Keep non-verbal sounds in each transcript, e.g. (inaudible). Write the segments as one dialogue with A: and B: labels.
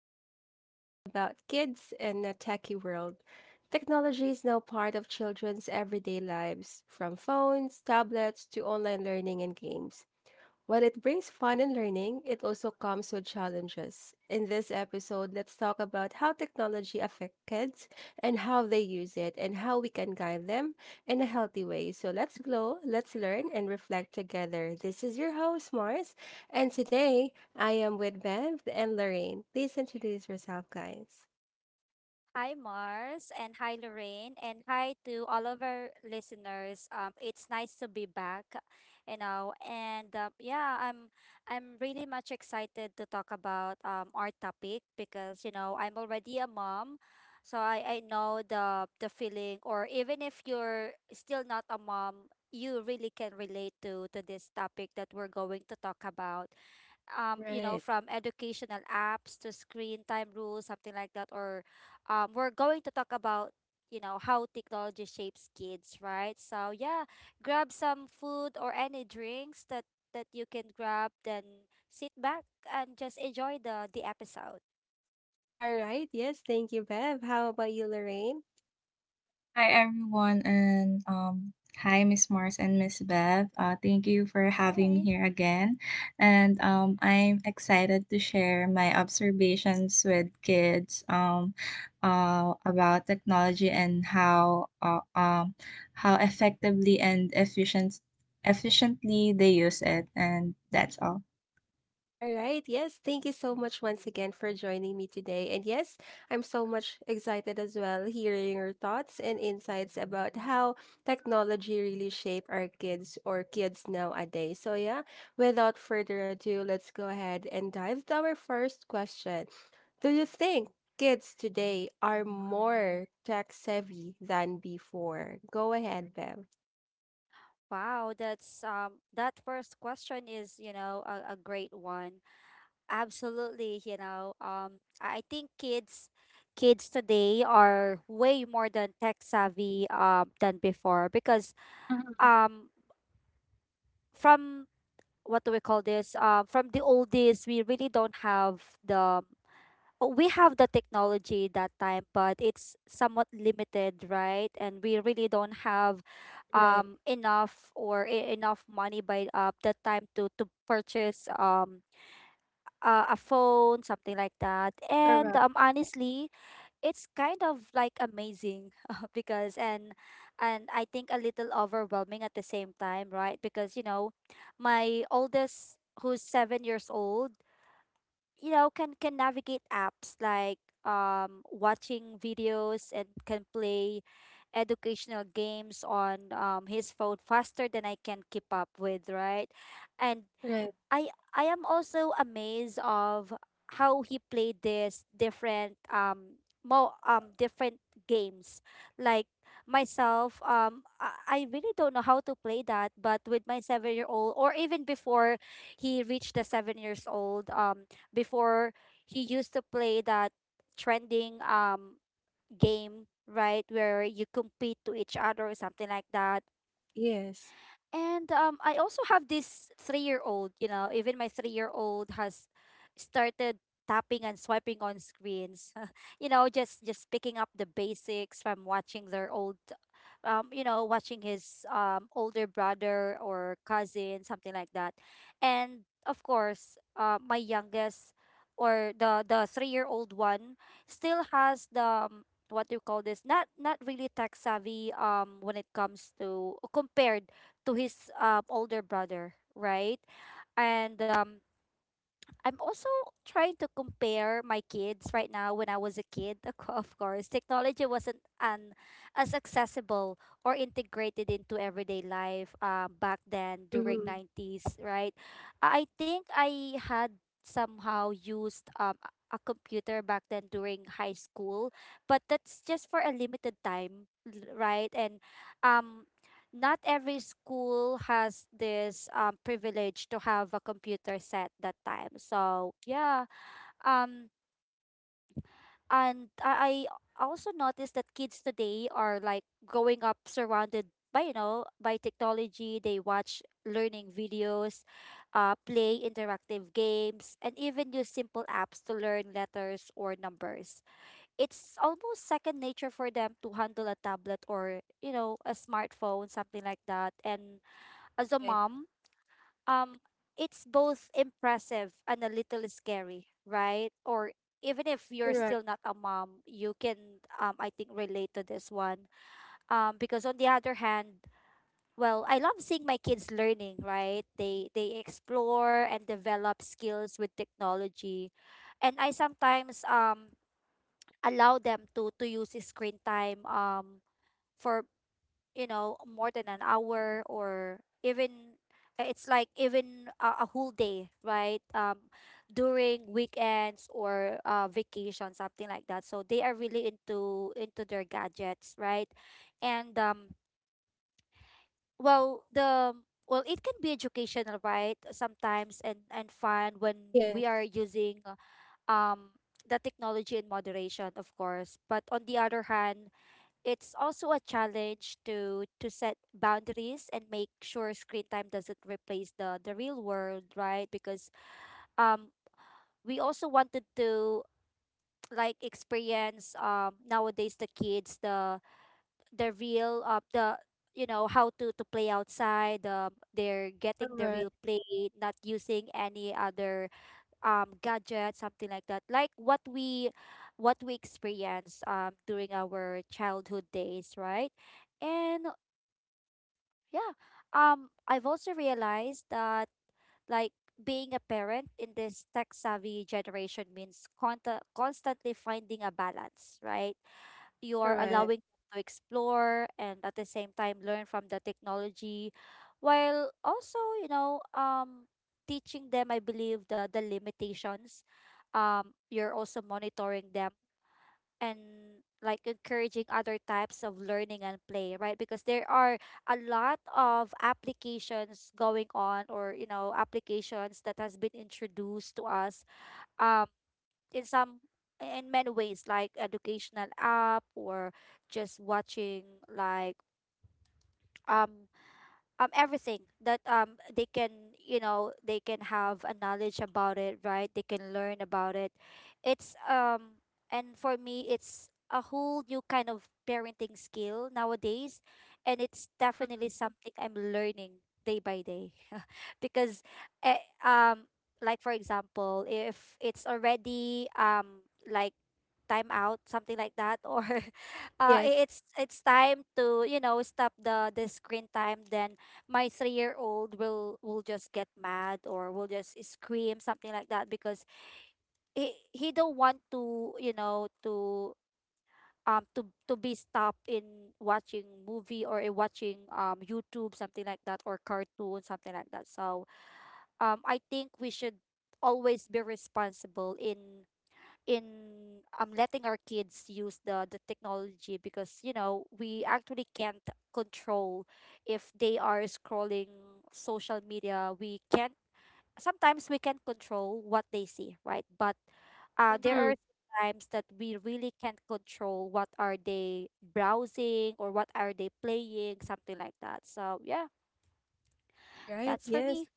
A: episode is all about kids in a techie world. Technology is now part of children's everyday lives, from phones, tablets, to online learning and games. While it brings fun and learning, it also comes with challenges. In this episode, let's talk about how technology affects kids and how they use it and how we can guide them in a healthy way. So let's glow, let's learn, and reflect together. This is your host, Mars, and today I am with Bev and Lorraine. Please introduce yourself, guys.
B: Hi, Mars, and hi, Lorraine, and hi to all of our listeners. It's nice to be back, and yeah, I'm really much excited to talk about our topic because you know I'm already a mom, so I know the feeling, or even if you're still not a mom, you really can relate to this topic that we're going to talk about you know,
A: Right.
B: from educational apps to screen time rules, something like that. Or We're going to talk about, you know, how technology shapes kids, right? So yeah, grab some food or any drinks that you can grab, then sit back and just enjoy the episode.
A: All right, yes, thank you, Bev. How about you, Lorraine?
C: Hi everyone and hi Miss Mars and Miss Bev. Thank you for having me
B: Hi.
C: here again. And I'm excited to share my observations with kids about technology and how effectively and efficiently they use it, and that's all.
A: All right. Yes. Thank you so much once again for joining me today. And yes, I'm so much excited as well hearing your thoughts and insights about how technology really shape our kids or kids nowadays. So yeah, without further ado, let's go ahead and dive to our first question. Do you think kids today are more tech savvy than before? Go ahead, Bev.
B: Wow, that first question is, you know, a great one. Absolutely, you know, I think kids today are way more than tech savvy than before because
A: Mhm.
B: um from what do we call this from the old days we really don't have we have the technology that time but it's somewhat limited, right, and we really don't have
A: Right.
B: enough or enough money by the time to purchase a phone, something like that. And
A: Correct.
B: honestly, it's kind of like amazing (laughs) because and I think a little overwhelming at the same time, right? Because you know, my oldest, who's 7 years old, you know, can navigate apps like watching videos and can play educational games on his phone faster than I can keep up with, right? And
A: Right.
B: I I am also amazed of how he played this different more different games. Like myself, I really don't know how to play that, but with my 7 year old or even before he reached the 7 years old, before he used to play that trending game, right, where you compete to each other or something like that.
A: Yes.
B: And I also have this 3 year old, you know, even my 3 year old has started tapping and swiping on screens, (laughs) you know, just picking up the basics from watching their old, you know, watching his older brother or cousin, something like that. And of course, my youngest or the 3 year old one still has the what do you call this, not really tech savvy when it comes to compared to his older brother, right? And I'm also trying to compare my kids right now when I was a kid. (laughs) Of course, technology wasn't as accessible or integrated into everyday life back then during
A: Mm-hmm.
B: 90s, right? I think I had somehow used a computer back then during high school, but that's just for a limited time, right? And um not every school has this privilege to have a computer set that time. So yeah, um, and I, I also noticed that kids today are like growing up surrounded by you know by technology. They watch learning videos, play interactive games, and even use simple apps to learn letters or numbers. It's almost second nature for them to handle a tablet or a smartphone, something like that, and as a
A: Right.
B: mom, um, it's both impressive and a little scary, right? Or even if you're
A: Correct.
B: still not a mom, you can, I think, relate to this one. Because on the other hand, well, I love seeing my kids learning, right? They explore and develop skills with technology, and I sometimes allow them to use the screen time for more than an hour or even it's like even a whole day, right, during weekends or vacation, something like that, so they are really into their gadgets, right. And well the well it can be educational, right, sometimes, and fun when
A: Yes.
B: we are using um the technology in moderation, of course, but on the other hand it's also a challenge to set boundaries and make sure screen time doesn't replace the real world, right, because um we also wanted to (tsk) like experience nowadays the kids the real the you know how to play outside, they're getting the
A: Correct,
B: real play, not using any other gadget, something like that, like what we experienced during our childhood days, right. And Yeah. I've also realized that like being a parent in this tech-savvy generation means conta constantly finding a balance, right? You are
A: correct.
B: allowing them to explore and at the same time learn from the technology while also, you know, teaching them, I believe, the limitations. You're also monitoring them and like encouraging other types of learning and play, right, because there are a lot of applications going on, or you know applications that has been introduced to us um in some in many ways, like educational app or just watching like um everything that they can, you know, they can have a knowledge about it, right, they can learn about it. It's and For me it's a whole new kind of parenting skill nowadays, and it's definitely
A: Mhm.
B: something I'm learning day by day. (laughs) Because eh, um for example, if it's already like time out, something like that, or (laughs)
A: Yes.
B: it's time to, you know, stop the screen time, then my 3-year-old will just get mad or will just scream, something like that, because he don't want to, you know, to to be stopped in watching movie or in watching YouTube, something like that, or cartoon, something like that. So I think we should always be responsible in letting our kids use the technology, because you know we actually can't control if they are scrolling social media. We can't Sometimes we can control what they see, right, but there
A: Mm-hmm.
B: are times that we really can't control what are they browsing or what are they playing, something like that. So yeah,
A: All right.
B: that's for
A: Yes.
B: me.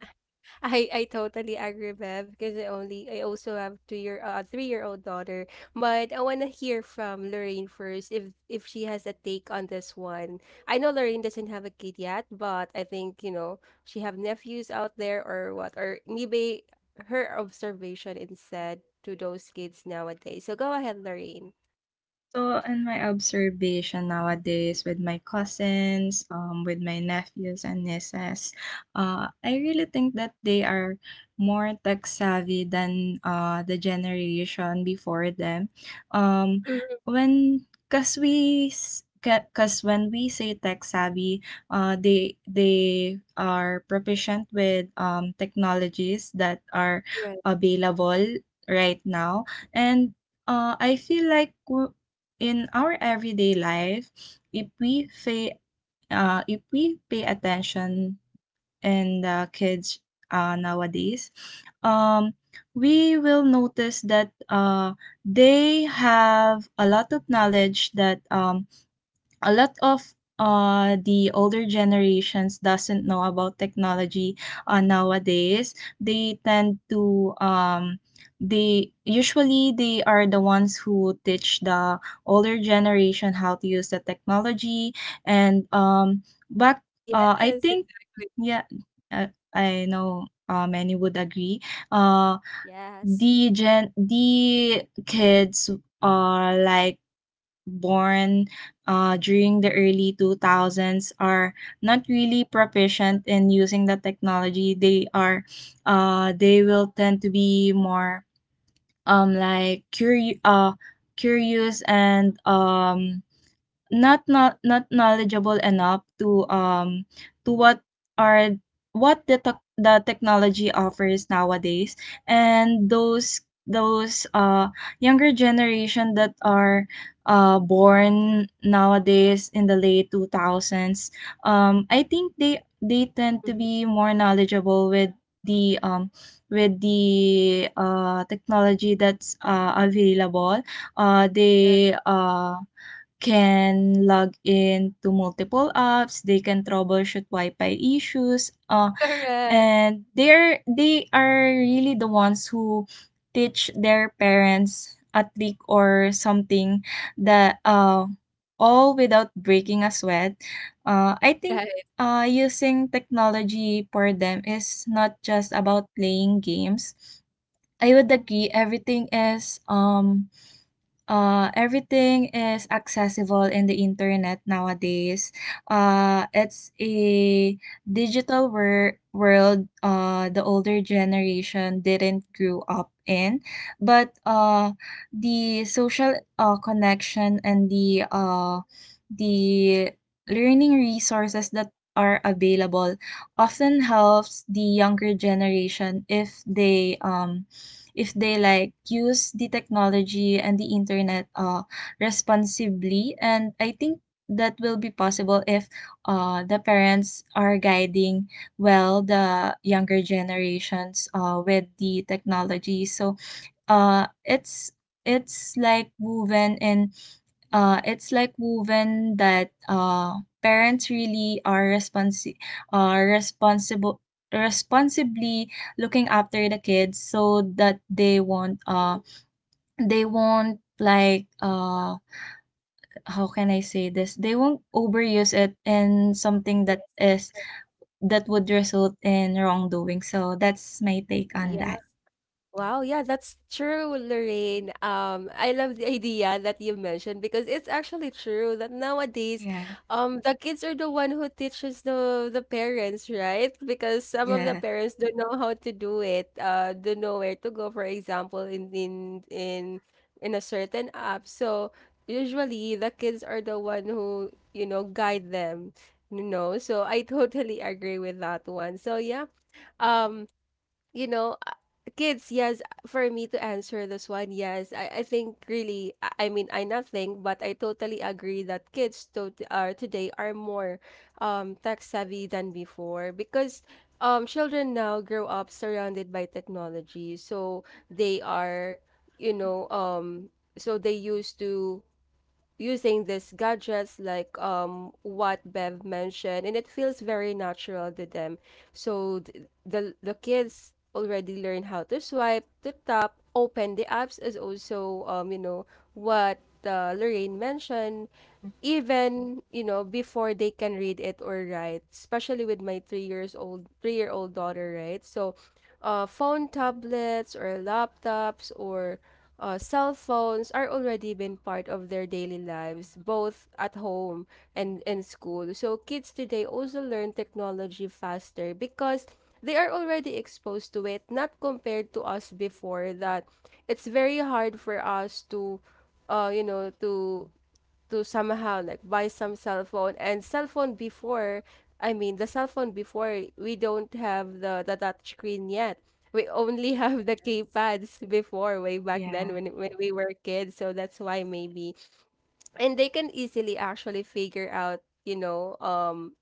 A: I totally agree, Bev, because I also have 2 year three-year-old daughter, but I want to hear from Lorraine first if she has a take on this one. I know Lorraine doesn't have a kid yet, but I think, you know, she have nephews out there or what, or maybe her observation instead to those kids nowadays. So go ahead, Lorraine.
C: So, in my observation nowadays with my cousins, with my nephews and nieces, I really think that they are more tech savvy than the generation before them. Um,
A: Mhm.
C: when, cause we, s- ca- cause when we say tech savvy, they are proficient with technologies that are
A: Right.
C: available right now, and I feel like in our everyday life, if we pay, if we pay attention in the kids, nowadays, um, we will notice that they have a lot of knowledge that, a lot of the older generations doesn't know about technology. Nowadays, they tend to they usually they are the ones who teach the older generation how to use the technology. And back I
A: Yes.
C: think. Yeah. uh, I know many would agree. uh
B: Yes.
C: the gen the kids are like born during the early 2000s are not really proficient in using the technology. They will tend to be more like, curious, and not knowledgeable enough to are what the technology offers nowadays. And those younger generation that are born nowadays in the late 2000s, I think they tend to
A: Mhm.
C: be more knowledgeable with the, with the technology that's available. uh
A: Right.
C: they uh can log in to multiple apps, they can troubleshoot Wi-Fi issues,
A: (laughs) Correct.
C: and they are really the ones who teach their parents a trick or something that, all without breaking a sweat. I think,
A: Right.
C: using technology for them is not just about playing games. I would agree, everything is accessible in the internet nowadays. It's a digital world the older generation didn't grow up in. But the social connection and the learning resources that are available often helps the younger generation, if they like use the technology and the internet responsibly. And I think that will be possible if the parents are guiding well the younger generations with the technology. So uh, it's it's like woven in it's like woven that, parents really are responsible responsibly looking after the kids, so that they won't like how can I say this, they won't overuse it in something that
A: Yes.
C: is that would result in wrongdoing. So that's my take on
B: Yes.
A: Yeah.
C: that.
A: Wow. Yeah, that's true, Lorraine. I love the idea that you mentioned because it's actually true that nowadays,
C: Yeah,
A: the kids are the one who teaches the parents, right? Because some of the
C: yeah,
A: parents don't know how to do it, don't know where to go, for example, in a certain app. So usually the kids are the one who, you know, guide them, you know. So I totally agree with that one. So yeah. Um, you know, kids, yes, for me to answer this one, yes, I think really, I mean, I not think, but I totally agree that kids to are today are more tech savvy than before because children now grow up surrounded by technology, so
B: Yes.
A: they are, you know, so they used to using these gadgets like what Bev mentioned and it feels very natural to them. So the kids already learn how to swipe, to tap, open the apps is also you know what Lorraine mentioned even you know before they can read it or write, especially with my 3 years old 3 year old daughter, right? So phone tablets or laptops or cell phones are already been part of their daily lives both at home and in school. So kids today also learn technology faster because they are already exposed to it, not compared to us before that it's very hard for us to you know, to somehow like buy some cell phone and cell phone before, I mean the cell phone before we don't have the touch screen yet. We only (laughs) have the keypads before, way back then
C: yeah.
A: when we were kids. So that's why maybe and they can easily actually figure out, you know,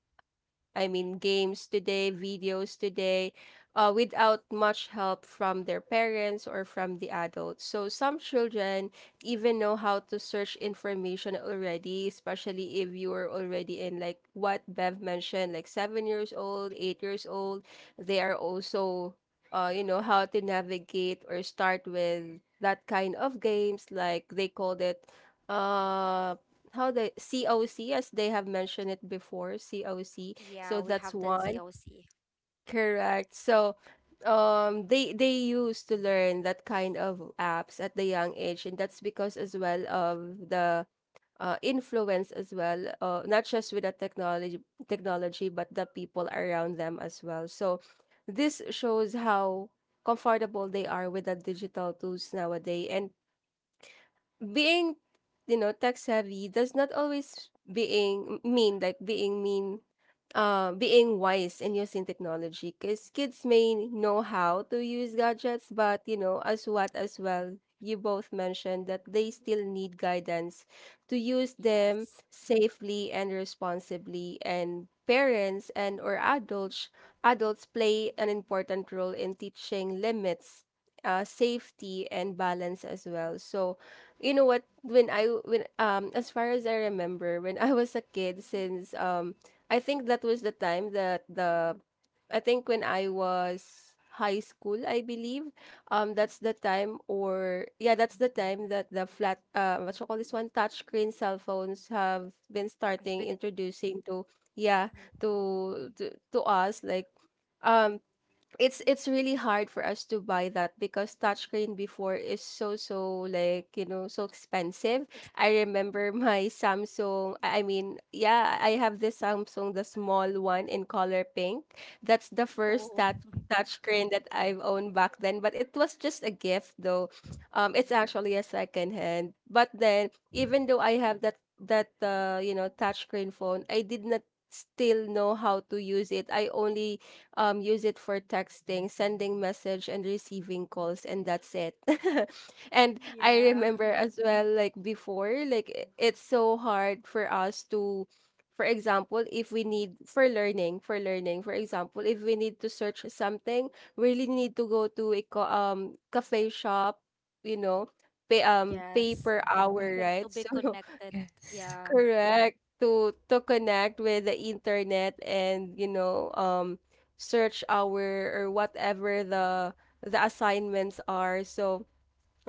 A: I mean, games today, videos today, without much help from their parents or from the adults. So some children even know how to search information already, especially if you are already in like what Bev mentioned, like 7 years old, 8 years old. They are also, you know, how to navigate or start with that kind of games. Like they called it, uh, how the COC, as they have mentioned it before, COC.
B: Yeah,
A: So
B: we
A: that's
B: have that
A: one.
B: COC.
A: Correct. So they used to learn that kind of apps at the young age, and that's because as well of the influence as well, not just with the technology but the people around them as well. So this shows how comfortable they are with the digital tools nowadays, and being you know tech savvy does not always being mean like being wise in using technology, because kids may know how to use gadgets but you know as what as well you both mentioned that they still need guidance to use them
B: Yes.
A: safely and responsibly. And parents and or adults play an important role in teaching limits, safety and balance as well. So you know what, when as far as I remember when I was a kid, since I think that was the time that the I think when I was high school, I believe. That's the time, or yeah, that's the time that the flat what you call this one touchscreen cell phones have been
B: It's
A: starting
B: been
A: introducing to yeah,
B: mhm.
A: to us, like um it's really hard for us to buy that because touchscreen before is so like you know so expensive.
B: Ex-.
A: I remember (laughs) my Samsung. I mean, yeah, I have this Samsung, the small one in color pink. That's the first
B: Oh, (laughs)
A: touchscreen that I've owned back then. But it was just a gift though. It's actually a second hand. But then, even though I have that you know touchscreen phone, I did not still know how to use it. I only use it for texting, sending message and receiving calls, and that's it. (laughs) And I
B: yeah.
A: remember as well like before, like it's so hard for us to, for example, if we need for learning, for example, if we need to search something, we really need to go to a cafe shop, you know, pay
B: Yes,
A: per
B: to
C: Right.
A: hour,
B: con to
A: right?
B: be
A: (laughs) So
B: connected.
C: Yes.
B: Yeah.
A: Correct. To connect with the internet and, you know, search our or whatever the assignments are. So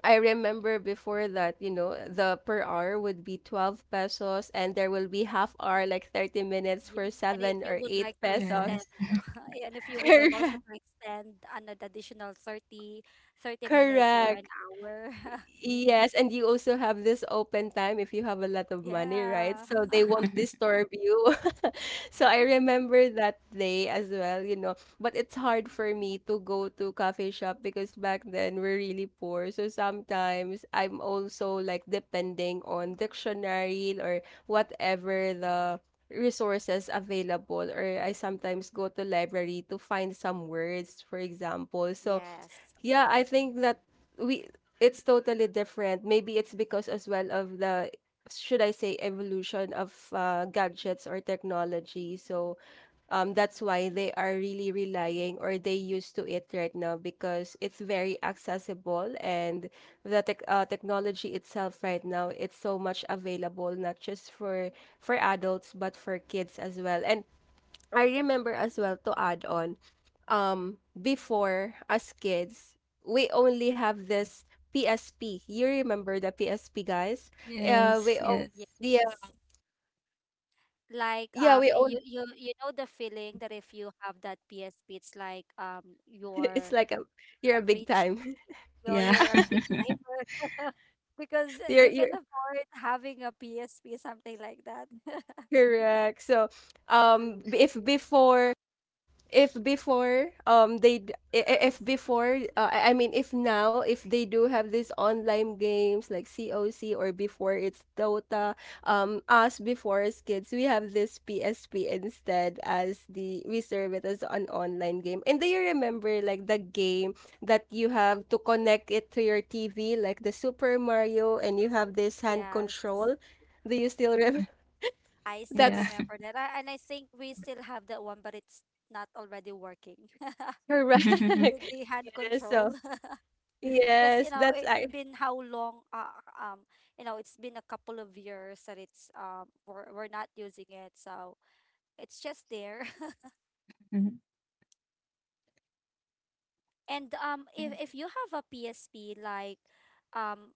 A: I remember before that, you know, the per hour would be 12 pesos and there will be half hour like 30 minutes
B: Yeah.
A: for
B: And if
A: 7
B: you
A: or
B: would
A: 8
B: like to
A: pesos.
B: extend,
C: Yes.
B: (laughs) and if
A: (laughs)
B: you would like also
A: Correct.
B: to extend an additional thirty minutes or
A: Correct.
B: an hour. (laughs)
A: Yes, and you also have this open time if you have a lot of money, right?
B: Yeah.
A: So they won't
B: (laughs)
C: (laughs)
A: disturb you. (laughs) So I remember that day as well, you know. But it's hard for me to go to coffee shop because back then we're really poor. So sometimes I'm also like depending on dictionary or whatever the resources available, or I sometimes go to library to find some words, for example. So
B: Yes.
A: yeah, I think that we it's totally different. Maybe it's because as well of the, should I say, evolution of gadgets or technology. So that's why they are really relying or they used to it right now because it's very accessible, and the technology itself right now it's so much available, not just for adults but for kids as well. And I remember as well, to add on, before as kids, we only have this PSP. You remember the PSP, guys? We
C: Yes.
A: own,
C: Yes.
A: yeah,
B: Yes. Like
A: yeah, we
B: you
A: own.
B: you know the feeling that if you have that PSP, it's like
A: (laughs) It's
B: your
A: like a, you're a
B: a
A: big
B: rich
A: time.
B: kid.
C: Yeah.
B: You're a big
C: (laughs)
B: timer (laughs) because
A: (laughs) You're
B: you can afford having a PSP, something like that. (laughs)
A: correct. So, b- if before they d- I- if before I mean if now if they do have these online games like COC or before it's Dota, us before as kids we have this PSP instead as the we serve it as an online game. And do you remember like the game that you have to connect it to your TV like the Super Mario and you have this hand
B: Yes,
A: control, do you still remember?
B: I
A: (laughs)
C: Yeah.
B: still
A: That's
B: remember that. I, and I think we still have that one, but it's not already working. (laughs)
A: correct.
C: (laughs)
B: The hand
A: (laughs) Yes, so
B: control, (laughs) because you
A: Yes,
B: know
A: that's
B: it's
A: I
B: been how long? Um, you know it's been a couple of years that it's we're not using it, so it's just there. (laughs) And if you have a PSP, like, um,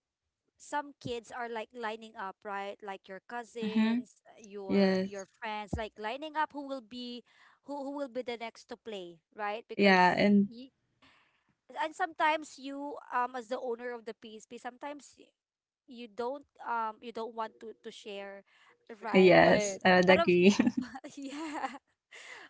B: some kids are like lining up, right? Like your
C: Mm-hmm.
B: cousins, your
C: Yes.
B: friends, like lining up who will be the next to play, right?
C: Yeah.
B: Because
C: And
B: y And sometimes you as the owner of the PSP, you don't want to share, right?
C: yes,
A: Right.
C: I would
B: But of
C: agree. (laughs)
B: (laughs) yeah,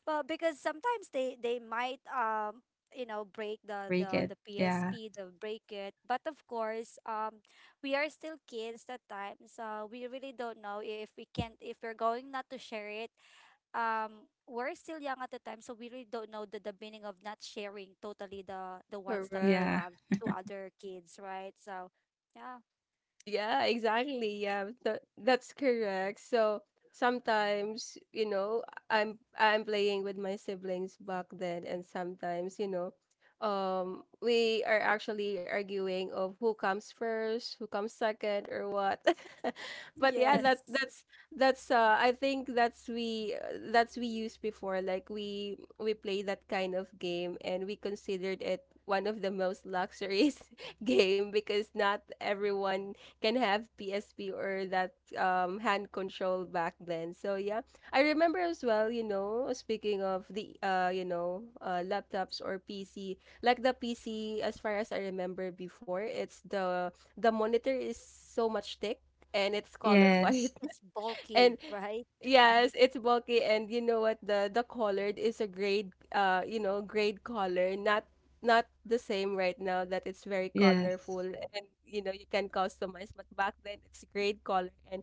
B: well, because sometimes they might you know break
C: Break it.
B: the
C: Yeah.
B: PSP, the break it, but of course we are still kids at times, so we really don't know if we can't if we're going not to share it. We're still young at the time, so we really don't know the meaning of not sharing totally the ones that we
A: Correct.
C: Yeah.
B: have to other kids, right. So yeah.
A: Yeah, exactly. Yeah, that's correct. So sometimes, you know, I'm playing with my siblings back then, and sometimes, you know, we are actually arguing of who comes first, who comes second, or what. (laughs) But yeah,
C: (laughs)
B: Yes,
A: that's I think that's we used before. Like we play that kind of game, and we considered it one of the most luxurious (laughs) game because not everyone can have PSP or that hand control back then. So yeah, I remember as well, you know, speaking of the you know, laptops or PC, like the PC as far as I remember before, it's the monitor is so much thick and it's color (laughs) white.
C: Yes,
B: it's bulky,
A: And
B: right.
A: yes, it's bulky. And you know what, the colored is a grade grade collar, not not the same right now that it's very colorful
C: yes,
A: and you know you can customize, but back then it's grade collar. And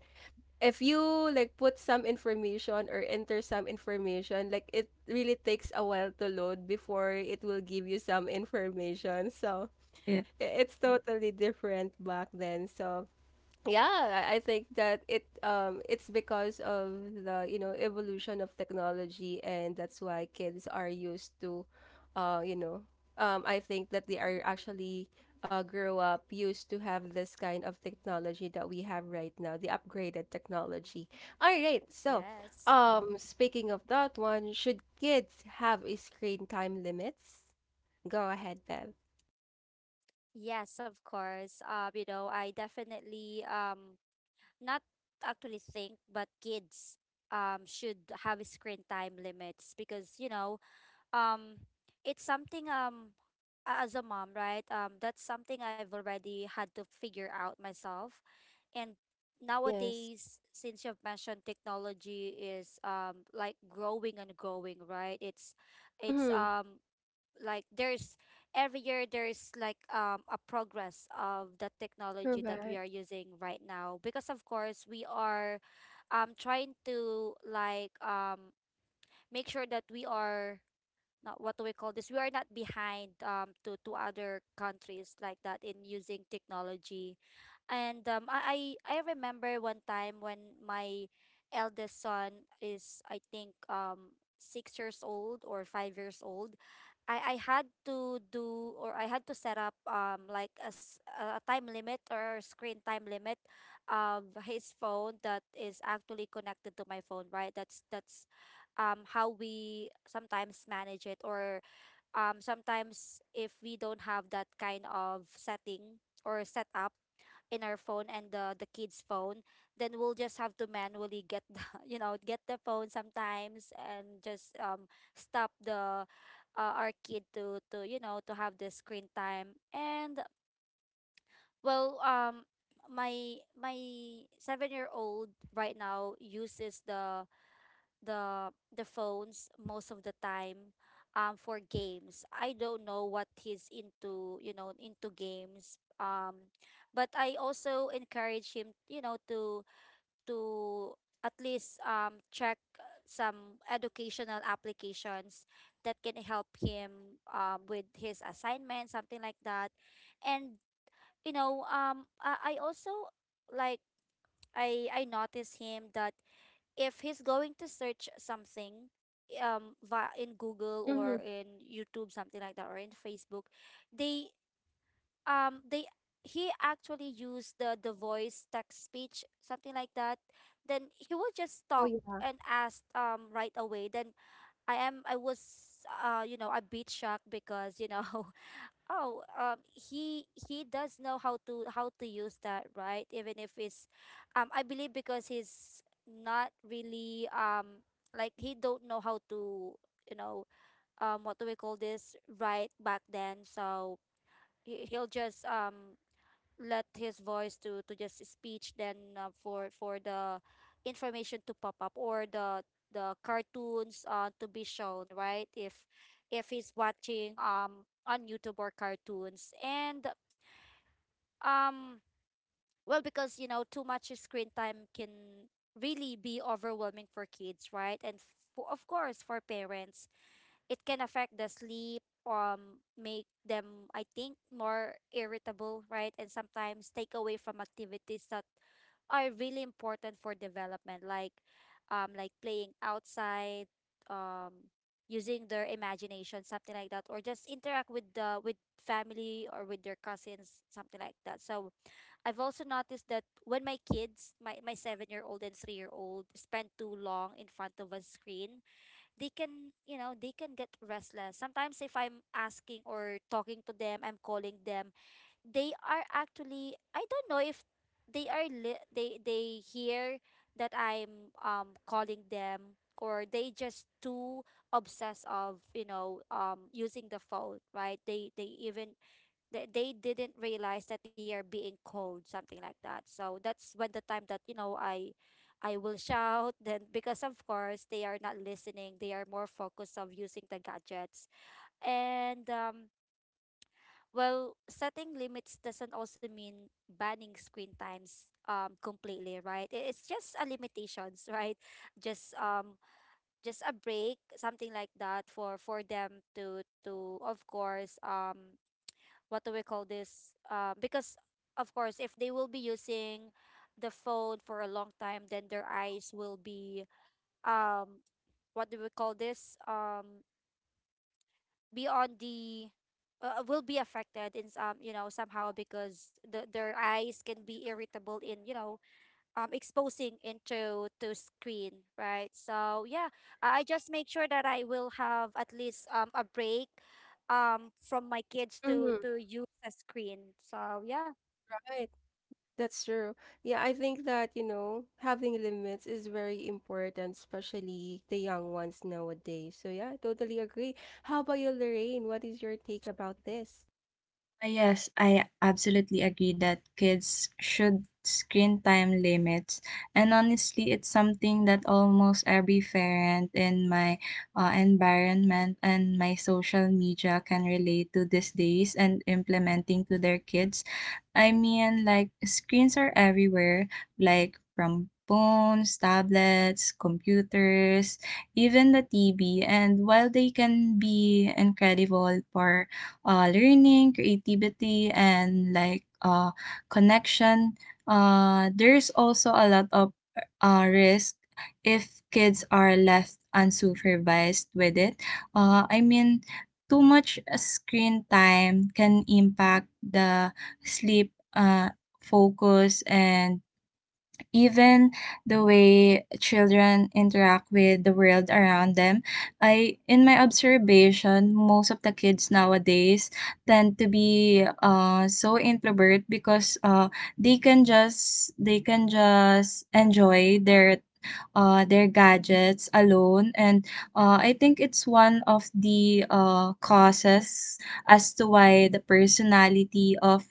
A: if you like put some information or enter some information, like it really takes a while to load before it will give you some information. So
C: yeah.
A: it's totally different back then. So yeah, I think that it it's because of the evolution of technology, and that's why kids are used to uh, you know, I think that they are actually grow up used to have this kind of technology that we have right now, the upgraded technology. All right. So,
B: Yes.
A: speaking of that one, should kids have a screen time limits? Go ahead, Bev.
B: Yes, of course. You know, I definitely not actually think, but kids should have screen time limits because, you know, um it's something as a mom, right? That's something I've already had to figure out myself. And
A: Yes.
B: nowadays, since you've mentioned technology is like growing and growing, right? It's
A: Mm-hmm.
B: Like there's every year there's like a progress of the technology that we
A: Correct.
B: are using right now, because of course we are trying to like make sure that we are not what do we call this? We are not behind to other countries like that in using technology. And I remember one time when my eldest son is I think 6 years old or 5 years old. I had to do or I had to set up like a time limit or screen time limit of his phone that is actually connected to my phone, right? That's how we sometimes manage it, or sometimes if we don't have that kind of setting or setup in our phone and the kids phone, then we'll just have to manually get the, (laughs) get the phone sometimes and just stop the our kid to you know to have the screen time. And well, my 7-year-old right now uses the the phones most of the time for games. I don't know what he's into, into games. But I also encourage him, to to at least check some educational applications that can help him with his assignment, something like that. And you know, I also like I notice him that if he's going to search something via in Google
A: Mm-hmm.
B: or in YouTube, something like that, or in Facebook, they they he actually used the voice text speech, something like that. Then he will just
A: Oh
B: talk
A: yeah.
B: and ask right away. Then I was a bit shocked because you know (laughs) Oh, he does know how to use that, right? Even if it's, I believe because he's not really he don't know how to, you know, what do we call this, right? Back then, so he'll just let his voice to just speech. Then for the information to pop up, or the cartoons to be shown, right? If he's watching on youtube or cartoons. And um well, because you know too much screen time can really be overwhelming for kids, right? And of course for parents, it can affect the sleep, make them, I think, more irritable, right? And sometimes take away from activities that are really important for development, like playing outside, um, using their imagination, something like that, or just interact with the with family or with their cousins, something like that. So I've also noticed that when my kids, my 7-year old and 3-year old, spend too long in front of a screen, they can get restless sometimes. If I'm asking or talking to them, I'm calling them, they are actually, I don't know if they are li- they hear that I'm calling them, or they just too obsessed of using the phone, right? They even they didn't realize that they are being called, something like that. So that's when the time that I will shout (laughs) then, because of course they are not listening, they are more focused of using the gadgets. And well, setting limits doesn't also mean banning screen times completely, right? It's just a limitations, (laughs) right? Just a break, something like that, for them to of course what do we call this? Because of course, if they will be using the phone for a long time, then their eyes will be um what do we call this? Beyond the will be affected in some, you know, somehow, because their eyes can be irritable in, you know, exposing into to screen, right? So yeah, I just make sure that I will have at least a break from my kids to
A: Mm-hmm.
B: to use a screen. So yeah.
A: That's true. Yeah, I think that, you know, having limits is very important, especially the young ones nowadays. So yeah, I totally agree. How about you, Lorraine? What is your take about this?
C: Yes, I absolutely agree that kids should screen time limits. And honestly, it's something that almost every parent in my environment and my social media can relate to these days and implementing to their kids. I mean, like, screens are everywhere, like, from phones, tablets, computers, even the TV. And while they can be incredible for learning, creativity, and like, connection. There's also a lot of risk if kids are left unsupervised with it. I mean, too much screen time can impact the sleep, focus, and even the way children interact with the world around them. I In my observation, most of the kids nowadays tend to be so introvert, because they can just enjoy their gadgets alone. And I think it's one of the causes as to why the personality of,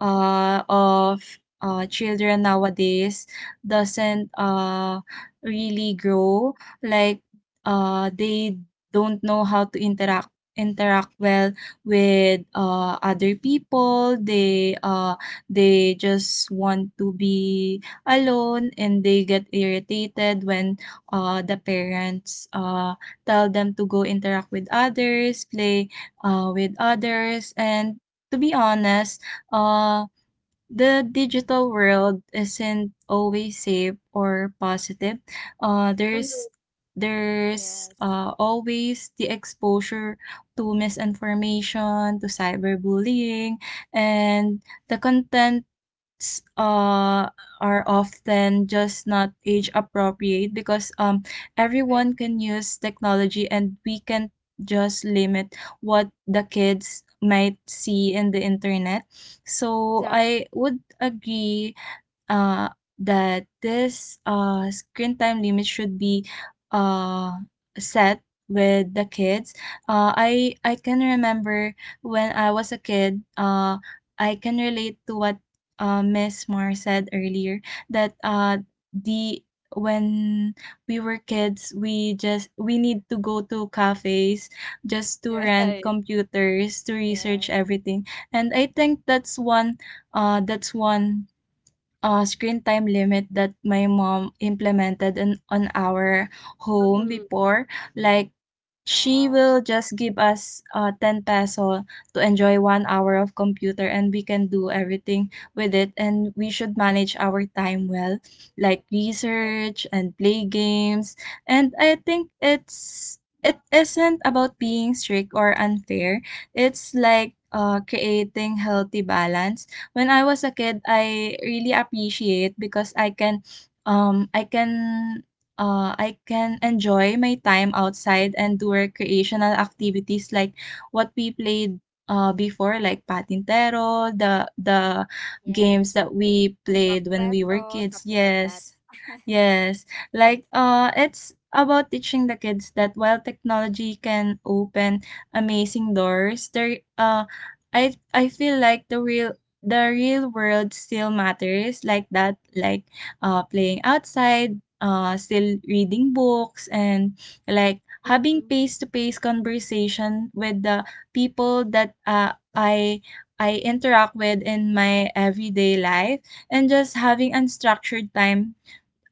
C: uh, of children nowadays doesn't really grow. Like, they don't know how to interact well with other people. They they just want to be alone, and they get irritated when the parents tell them to go interact with others, play with others. And to be honest, uh, the digital world isn't always safe or positive. Uh, there's
A: Hmm.
C: there's
B: Yes.
C: uh, always the exposure to misinformation, to cyberbullying, and the content, s- uh, are often just not age appropriate, because
A: Right.
C: everyone can use technology and we can just limit what the kids might see in the internet. So
A: Exactly.
C: I would agree uh, that this screen time limit should be uh, set with the kids. I can remember when I was a kid. I can relate to what Miss Mar said earlier, that, the when we were kids, we need to go to cafes just to
A: (laughs)
C: rent
A: Right.
C: computers to research
B: Yes.
C: everything. And I think that's one, uh that's one screen time limit that my mom implemented on our home
A: Mm-hmm.
C: before. Like, she
B: Wow.
C: will just give us, 10 peso to enjoy 1 hour of computer, and we can do everything with it, and we should manage our time well, like
A: Right.
C: research and play games. And I think it isn't about being strict or unfair. It's like, creating healthy balance. When I was a kid, I really appreciate because, um I can I can enjoy my time outside and do recreational activities like what we played before, like patintero, the games
B: Yes.
C: that we
B: Tumbang
C: played when we were
B: preso,
C: kids.
B: something like that.
C: Yes,
B: (laughs)
C: yes. Like, it's about teaching the kids that while technology can open amazing doors, there I feel like the real world still matters, like, that, like, playing outside, still reading books, and like having
A: Mhm.
C: face-to-face conversation with the people that, I interact with in my everyday life, and just having unstructured time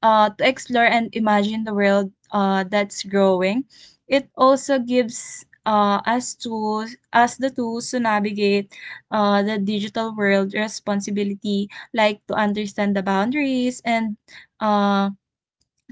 C: to explore and imagine the world that's growing. It also gives us the tools to navigate the digital world responsibility, like to understand the boundaries, and uh,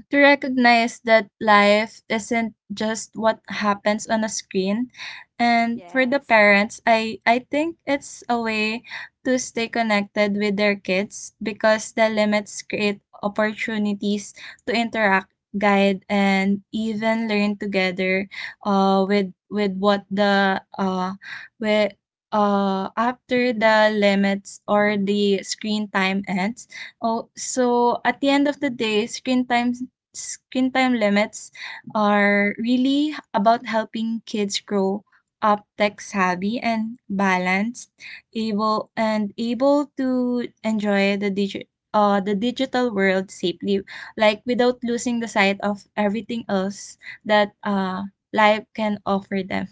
C: to recognize that life isn't just what happens on a screen. And for the
B: Yes.
C: parents, I think it's a way to stay connected with their kids because the limits create opportunities to interact, guide, and even learn together, with what the with after the limits or the screen time ends. Oh, so at the end of the day, screen time limits are really about helping kids grow up tech savvy and balanced, able to enjoy the digital world safely, like without losing the sight of everything else that, life can offer them.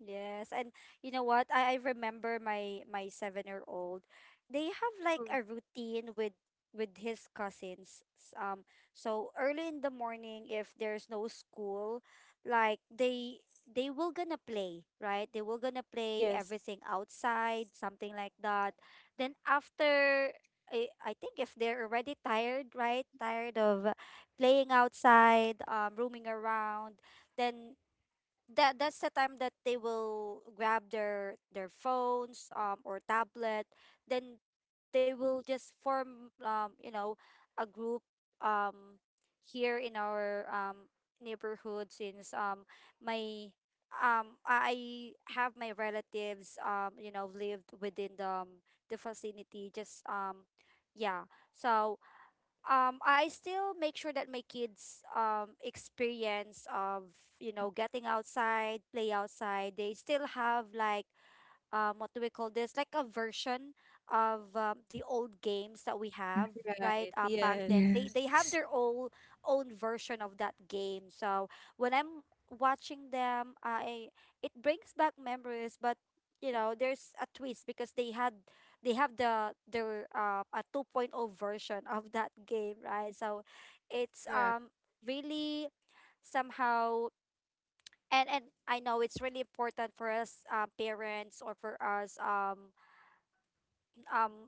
B: Yes, and you know what? I remember my 7-year old. They have like
A: Mhm.
B: a routine with his cousins. So early in the morning, if there's no school, like they will gonna play, right? They will gonna play
A: Yes.
B: everything outside, something like that. Then after, I think if they're already tired, right? Tired of playing outside, roaming around. Then that's the time that they will grab their phones or tablet. Then they will just form, a group, um here in our neighborhood, since my I have my relatives, lived within the vicinity, just yeah. So I still make sure that my kids experience of, you know, getting outside, play outside. They still have like, what do we call this, like a version of, the old games that we have, right?
A: Right.
B: Back
A: Yes.
B: then they have
C: Yes.
B: their own version of that game. So when I'm watching them, I it brings back memories, but you know there's a twist because they had they have the their a 2.0 version of that game, right? So it's
A: Correct.
B: really somehow. And I know it's really important for us parents, or for us um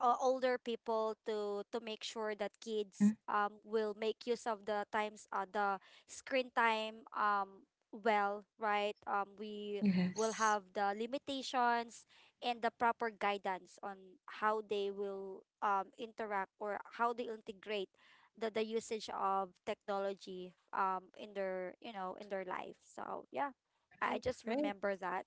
B: older people, to make sure that kids
C: Mhm.
B: will make use of the times, the screen time. Well, right, we will
C: Yes.
B: have the limitations and the proper guidance on how they will interact or how they integrate the usage of technology in their you know in their life. So yeah, I
A: Right.
B: just
A: Right.
B: remember that.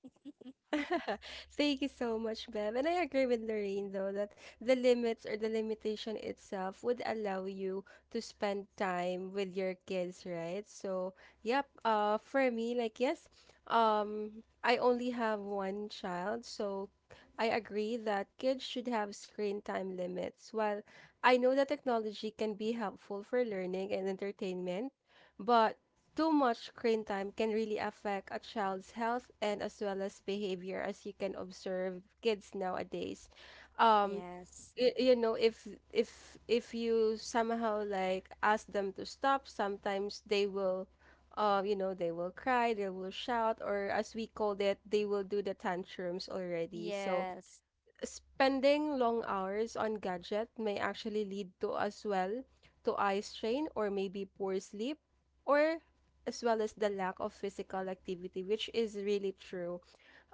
A: (laughs) Thank you so much, Bev. And I agree with Lorraine, though, that the limits or the limitation itself would allow you to spend time with your kids, right? So, yep, for me, like, yes, I only have one child, so I agree that kids should have screen time limits. While I know that technology can be helpful for learning and entertainment, but too much screen time can really affect a child's health and as well as behavior, as you can observe kids nowadays.
B: (laughs)
A: Um,
B: Yes.
A: you know, if if you somehow like ask them to stop, sometimes they will, you know, they will cry, they will shout, or as we called it, they will do the tantrums already. So,
B: Yes.
A: spending long hours on gadget may actually lead to as well to eye strain or maybe poor sleep or as well as the lack of physical activity, which is really true.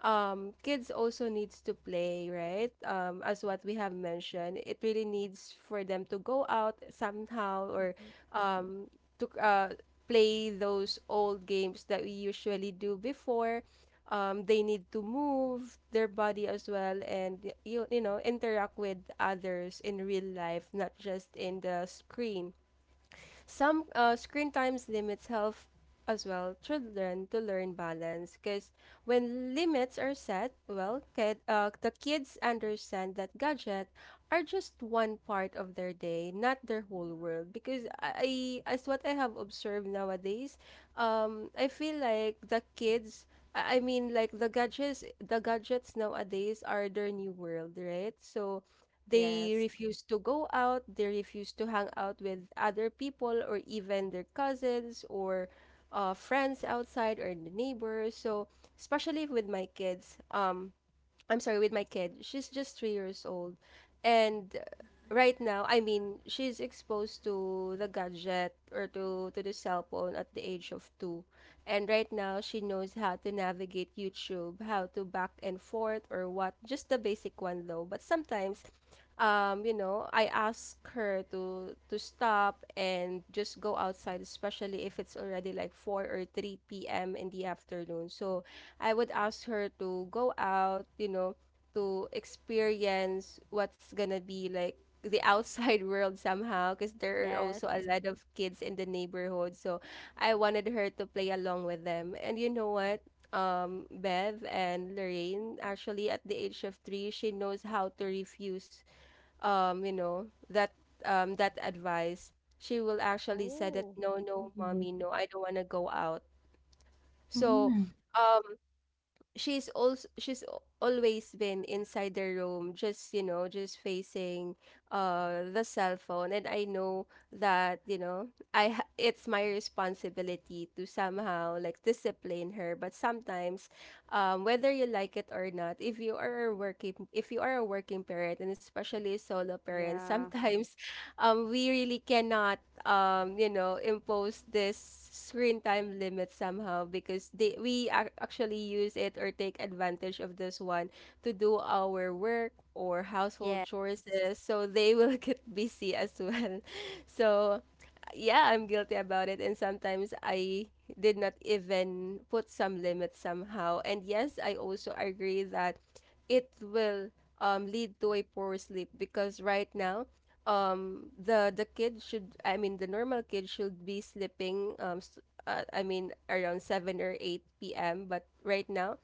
A: Kids also needs to play, right? As what we have mentioned, it really needs for them to go out somehow, or
B: Mhm.
A: um to play those old games that we usually do before. They need to move their body as well and you you know interact with others in real life, not just in the screen. Some screen times limits help as well children to learn balance, because when limits are set, well, the kids understand that gadget are just one part of their day, not their whole world. Because as what I have observed nowadays, I feel like the kids. Like the gadgets nowadays are their new world, right? So, they
B: Yes.
A: refuse to go out, they refuse to hang out with other people or even their cousins or friends outside or the neighbors. So, especially with my kids, with my kid. She's just 3 years old. And right now, I mean, she's exposed to the gadget or to the cell phone at the age of two. And right now, she knows how to navigate YouTube, how to back and forth or what. Just the basic one, though. But sometimes, you know, I ask her to stop and just go outside, especially if it's already like 4 or 3 p.m. in the afternoon. So I would ask her to go out, you know, to experience what's gonna be like the outside (laughs) world somehow, because there are
B: Yes.
A: also a lot of kids in the neighborhood. So I wanted her to play along with them. And you know what? Bev and Lorraine, actually, at the age of three, she knows how to refuse, um, you know, that that advice. She will actually say that,
B: Oh,
A: no, no,
C: Mhm.
A: mommy, no, I don't want to go out. So,
C: Mm.
A: um, she's also always been inside the room, just you know just facing the cell phone. And I know that, you know, it's my responsibility to somehow like discipline her, but sometimes whether you like it or not, if you are a working if you are a working parent, and especially a solo parent
B: yeah.
A: sometimes, (laughs) we really cannot you know, impose this screen time limit somehow, because we actually use it or take advantage of this one to do our work or household
B: Yes.
A: chores, so they will (laughs) get busy as well. So yeah, I'm guilty about it. And sometimes I did not even put some limits somehow. And yes, I also agree that it will lead to a poor sleep, because right now, the kid should, I mean, the normal kid should be sleeping, I mean, around 7 or 8 p.m. But right now,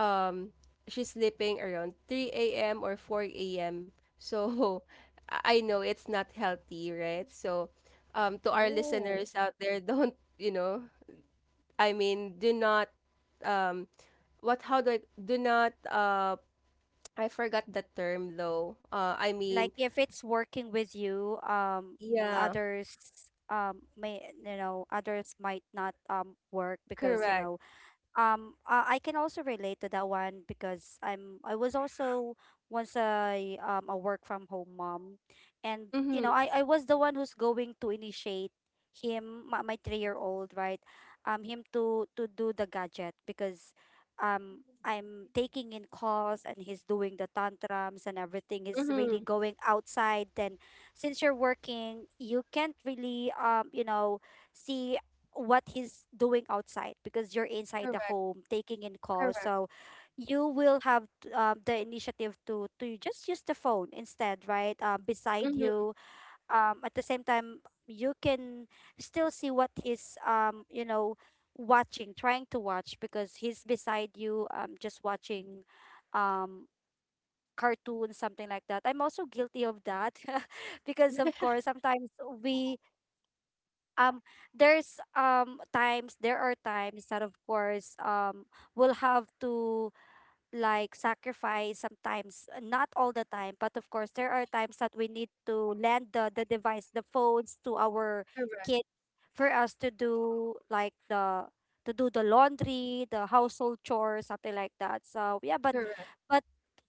A: um, she's sleeping around 3 a.m. or 4 a.m. So (laughs) I know it's not healthy, right? So to our
B: Oh,
A: listeners out there, (laughs) don't you know do not um what how do I do not I forgot the term though.
B: like if it's working with you,
A: Yeah.
B: others, may, you know, others might not, work because, you
A: Correct.
B: know, I can also relate to that one because I was also once a work from home mom, and
A: Mm-hmm.
B: you know I was the one who's going to initiate him, my 3-year old, right? Him to do the gadget, because I'm taking in calls and he's doing the tantrums and everything. He's really
A: Mm-hmm.
B: going outside. Then, since you're working, you can't really you know see what he's doing outside because you're inside the
A: Correct.
B: home taking in calls.
A: Correct.
B: So you will have, the initiative to just use the phone instead, right? Beside
A: Mm-hmm.
B: you, at the same time you can still see what he's you know watching, trying to watch, because he's beside you just watching um cartoons, something like that. I'm also guilty of that, (laughs) because of course sometimes we um there are times that of course we'll have to sacrifice sometimes, not all the time, but of course there are times that we need to lend the device, the phones, to our
A: Correct.
B: kids, for us to do the laundry, the household chores, something like that. So yeah,
A: Correct.
B: but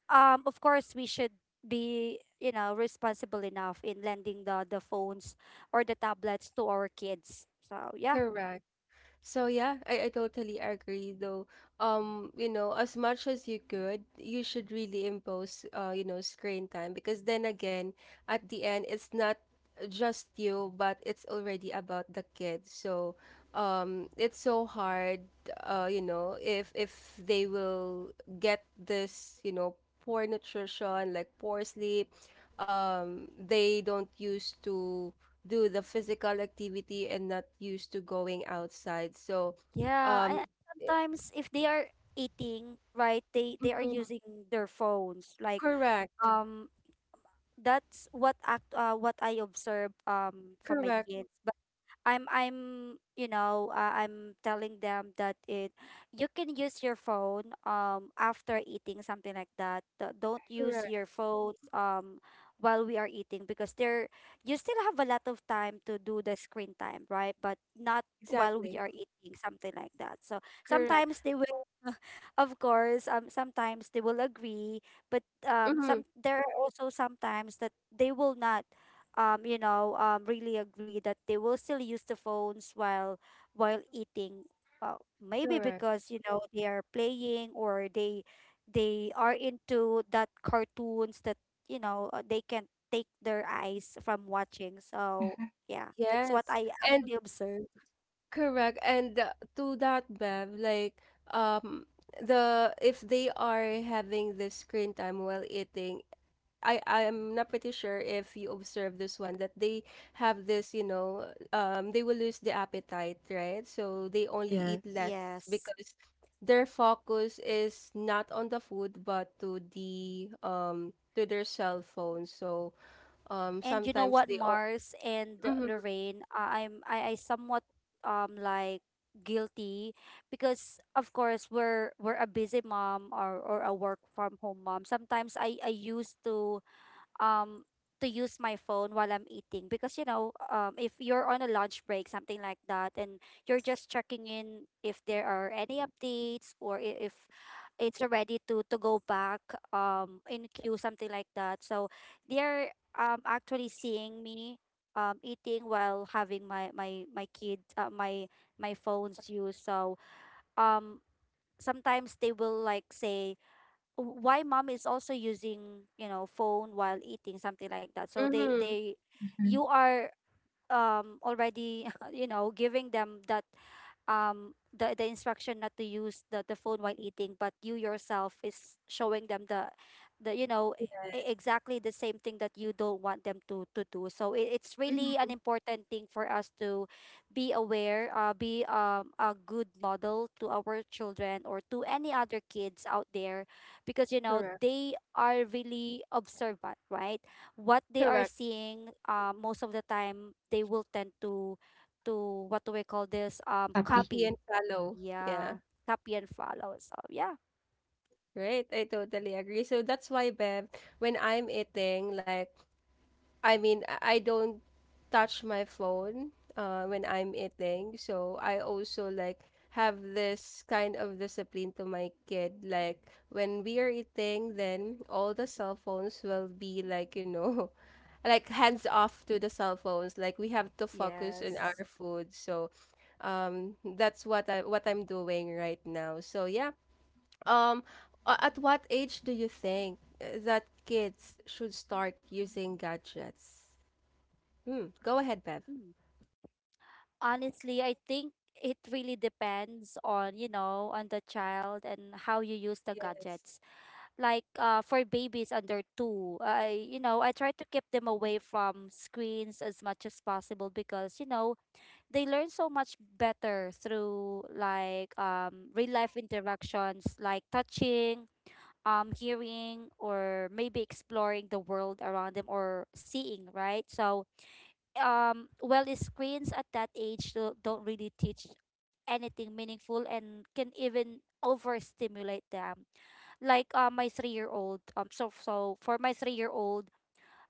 B: of course we should be, you know, responsible enough in lending the phones or the tablets to our kids. So yeah.
A: Correct. So yeah, I totally agree though. You know, as much as you could, you should really impose you know, screen time, because then again, at the end it's not just you, but it's already about the kids. So it's so hard, you know, if they will get this, you know, poor nutrition, like poor sleep, they don't used to do the physical activity and not used to going outside. So,
B: Yeah,
A: um,
B: and
A: eh,
B: sometimes if they are eating, right, they are
A: mhm,
B: using their phones, like
A: correct,
B: um that's what act what I observe from my
A: correct,
B: kids. I'm you know I'm telling them that it you can use your phone after eating, something like that. Don't use
A: correct,
B: your phones while we are eating, because there you still have a lot of time to do the screen time, right? But not while we
A: exactly,
B: are eating, something like that. So
A: correct,
B: sometimes they will (laughs) of course sometimes they will agree. But
A: mm-hmm,
B: some there are also sometimes that they will not you know really agree that they will still use the phones while eating. Well, maybe
A: correct,
B: because you know they are playing, or they are into that cartoons that you know, they can take their eyes from watching. So
C: Mhm.
B: yeah, that's what
A: yes,
B: I
A: and
B: actually observe.
A: correct. And to that, Bev, like, um, the if they are having the screen time while eating, I'm not pretty sure if you observe this one, that they have this, you know, they will lose the appetite, right? So they only eat less
C: Yes.
B: Yes.
A: because their focus is not on the food but to the to their cell phone. So
B: And you know
A: sometimes
B: what,
A: they are
B: Mars and
A: mm-hmm,
B: Lorraine, I somewhat um like guilty, because of course we're a busy mom or a work from home mom. Sometimes I used um to use my phone while I'm eating because if you're on a lunch break, something like that, and you're just checking in if there are any updates, or if it's ready to go back in queue, something like that. So they're actually seeing me eating while having my my my kid my my phone's use. So um sometimes they will, like, say, why mom is also using, phone while eating, something like that. So
A: mm-hmm,
B: they
C: Mm-hmm.
B: you are already (laughs) giving them that the instruction not to use the phone while eating, but you yourself is showing them the you know
A: yeah,
B: e- exactly the same thing that you don't want them to do. So it's really an
A: mm-hmm,
B: important thing for us to be aware, be, a good model to our children or to any other kids out there, because you know
A: correct,
B: they are really observant, right? What they are
A: correct,
B: seeing, most of the time, they will tend to what do we call this?
A: happy
B: Copy.
A: and fallow, yeah.
B: Yeah, copy and follow. So yeah.
A: Right, I totally agree. So that's why, Bev, when I'm eating, like I mean, I don't touch my phone when I'm eating. So I also like have this kind of discipline to my kid. Like when we are eating, then all the cell phones will be like, you know, (laughs) like hands off to the cell phones. Like we have to focus on our
B: Yes.
A: food. So that's what I'm doing right now. So yeah. Um at what age do you think that kids should start using gadgets? Mm, go ahead, Bev.
B: Mm. Honestly, I think it really depends on, you know, on the child and how you use the
A: Yes.
B: gadgets. Like, for babies under 2, I, you know, I try to keep them away from screens as much as possible, because, you know, they learn so much better through, like, real life interactions, like touching, hearing, or maybe exploring the world around them, or seeing, right? So well, the screens at that age don't really teach anything meaningful, and can even overstimulate them. Like, my 3-year-old old, so for my 3-year-old old,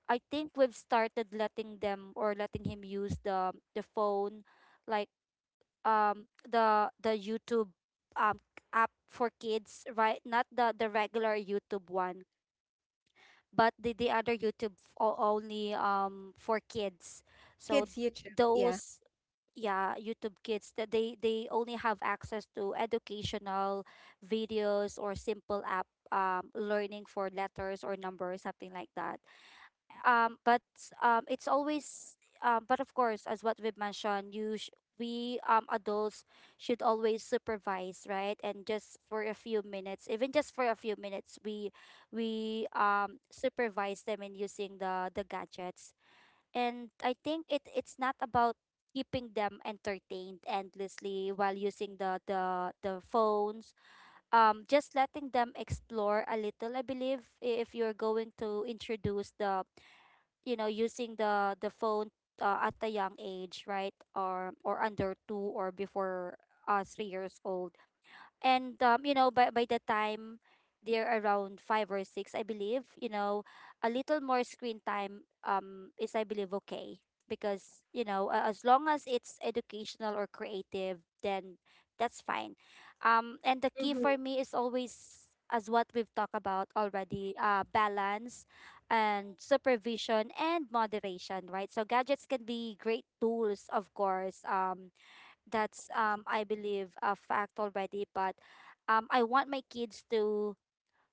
B: I think we've started letting him use the phone, like, the YouTube um app for kids, right? Not the regular YouTube one, but the other YouTube, only, for kids. So
A: Kids YouTube. Yeah.
B: those — yeah, youtube kids, that they only have access to educational videos, or simple app, learning for letters or numbers, something like that. But it's always, but of course, as what we've mentioned, we adults should always supervise, right? And just for a few minutes, even just for a few minutes, we supervise them in using the gadgets. And I think it's not about keeping them entertained endlessly while using the phones. Just letting them explore a little, I believe, if you're going to introduce the, you know, using the phone, at a young age, right, or under 2 or before 3 years old. And by the time they're around 5 or 6, I believe, you know, a little more screen time, is, I believe, okay, because, you know, as long as it's educational or creative, then that's fine. And the key
A: Mm-hmm.
B: for me is always, as what we've talked about already, balance and supervision and moderation, right? So gadgets can be great tools, of course. That's, I believe, a fact already, but I want my kids to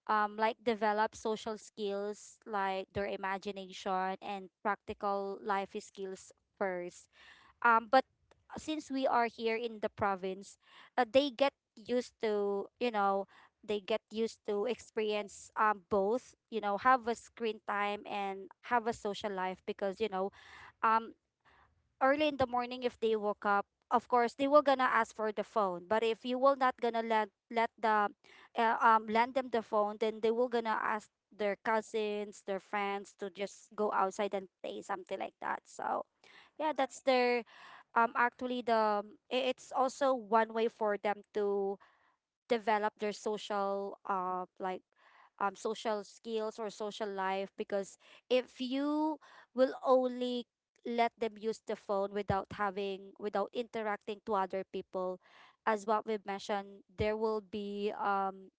B: like develop social skills, like their imagination and practical life skills first. But since we are here in the province, uh, they get used to, you know, they get used to experience both, you know, have a screen time and have a social life, because, um early in the morning, if they woke up, of course they will gonna ask for the phone. But if you will not gonna let the lend them the phone, then they will gonna ask their cousins, their friends, to just go outside and play, something like that. So yeah, that's their, actually, it's also one way for them to develop their social, like, social skills or social life, because if you will only let them use the phone, without having, without interacting to other people, as what we've mentioned, there will be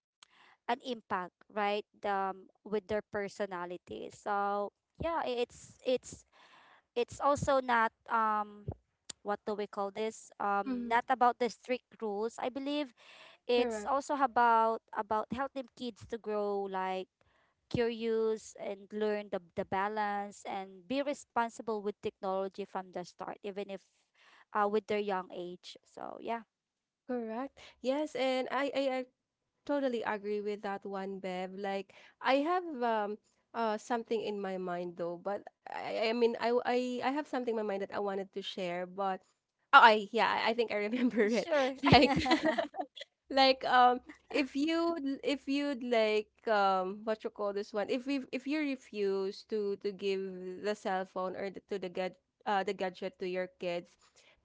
B: an impact, right, with their personality. So yeah, it's also not (tsk) what do we call this?
A: Mm-hmm.
B: Not about the strict rules, I believe. It's
A: Correct.
B: also about helping kids to grow, like, curious, and learn the balance and be responsible with technology from the start, even if, with their young age. So yeah.
A: Correct. Yes, and I totally agree with that one, Bev. Like I have something in my mind though, but I have something in my mind that I wanted to share, but I think I remember it.
B: Sure.
A: (laughs) Like (laughs) like if you if you'd like what you call this one, if you refuse to give the cell phone or to the gad the gadget to your kids.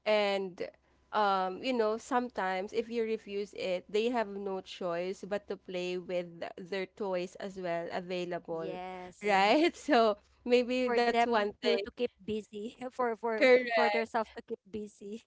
A: And you know, sometimes if you refuse it, they have no choice but to play with their toys as well available,
B: (laughs) Yes,
A: right? (laughs) So maybe
B: for
A: that's
B: them
A: one
B: to
A: thing.
B: to keep busy. (laughs) For
A: Correct.
B: themselves to keep busy.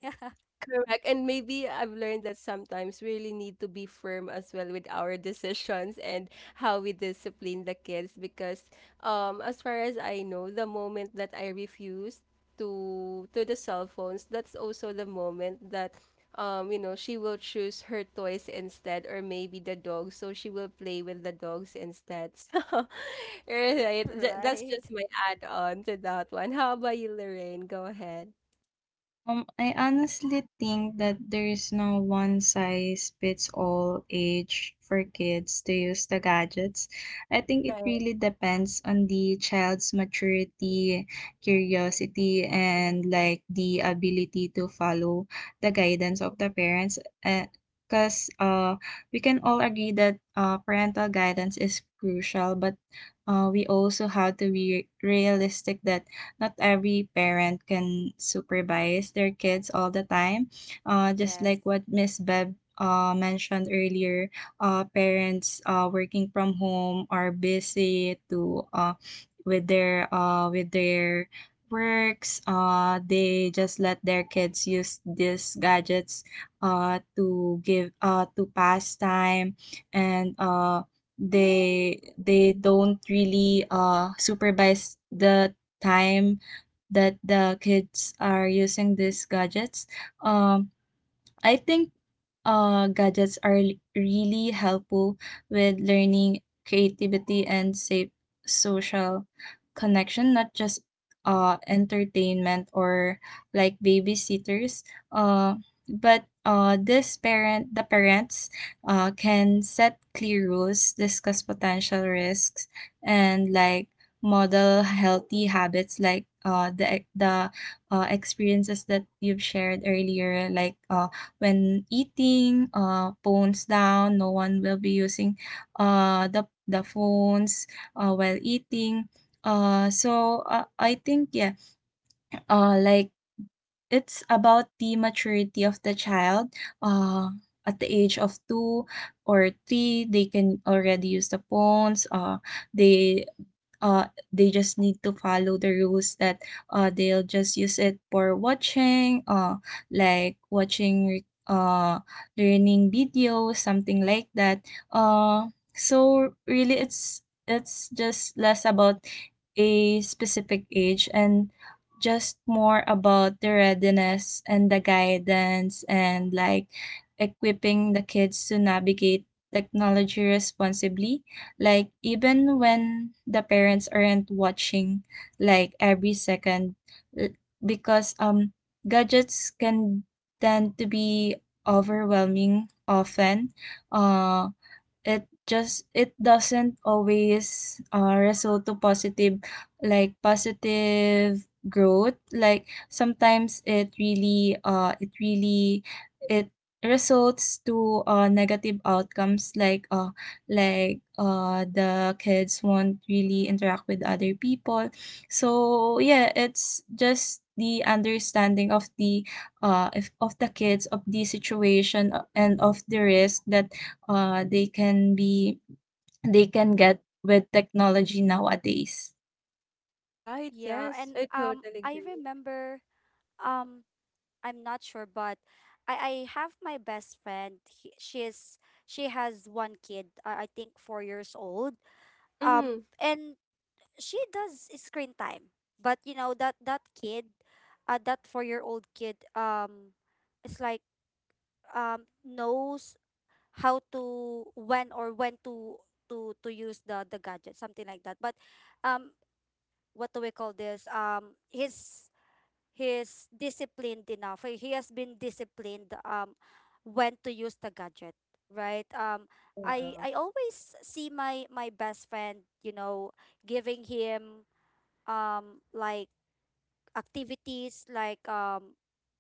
A: Correct. And maybe I've learned that sometimes we really need to be firm as well with our (laughs) decisions and how we discipline the kids, because as far as I know, the moment that I refused to the cell phones, that's also the moment that, you know, she will choose her toys instead, or maybe the dog, so she will play with the dogs instead. (laughs) So
B: (laughs)
A: right. That's
B: Right.
A: just my add on to that one. How about you, Lorraine? Go ahead.
C: I honestly think that there is no one size fits all age for kids to use the gadgets. I think it really depends on the child's maturity, curiosity, and like the ability to follow the guidance of the parents. Because we can all agree that parental guidance is crucial, but we also have to be realistic that not every parent can supervise their kids all the time. Just
B: Yes.
C: like what Miss Bev mentioned earlier, parents working from home are busy to with their works. They just let their kids use these gadgets to pass time, and they don't really supervise the time that the kids are using these gadgets. Um, I think gadgets are really helpful with learning, creativity, and safe social connection, not just entertainment or like babysitters. Uh, but the parents can set clear rules, discuss potential risks, and like model healthy habits, like, the experiences that you've shared earlier, like, when eating, phones down. No one will be using the phones while eating. So I think, yeah, like, it's about the maturity of the child. Uh, at the age of 2 or 3, they can already use the phones. They they just need to follow the rules that they'll just use it for watching, like watching learning videos, something like that. Uh, so really, it's just less about a specific age and just more about the readiness and the guidance, and like equipping the kids to navigate technology responsibly, like even
B: Hmm.
C: when the parents aren't watching, like every second. l- because gadgets can tend to be overwhelming often. Uh it doesn't always result to positive, like, positive growth. Like sometimes it really, it results to negative outcomes, like, the kids won't really interact with other people. So yeah, it's just the understanding of the, if, of the kids, of the situation, and of the risk that, uh, they can be they can get with technology nowadays.
A: Right,
B: Yeah,
A: yes.
B: and
A: I totally
B: I
A: agree.
B: remember, um I'm not sure, but I have my best friend. He, she is She has one kid. I think 4 years old.
A: Mhm.
B: And she does screen time, but you know that that kid, that 4-year-old old kid, it's like, knows how to, when, or when to use the gadget, something like that. But um, what do we call this? His He's disciplined enough. He has been disciplined, when to use the gadget, right?
A: Oh,
B: I
A: wow.
B: I always see my best friend, you know, giving him like activities, like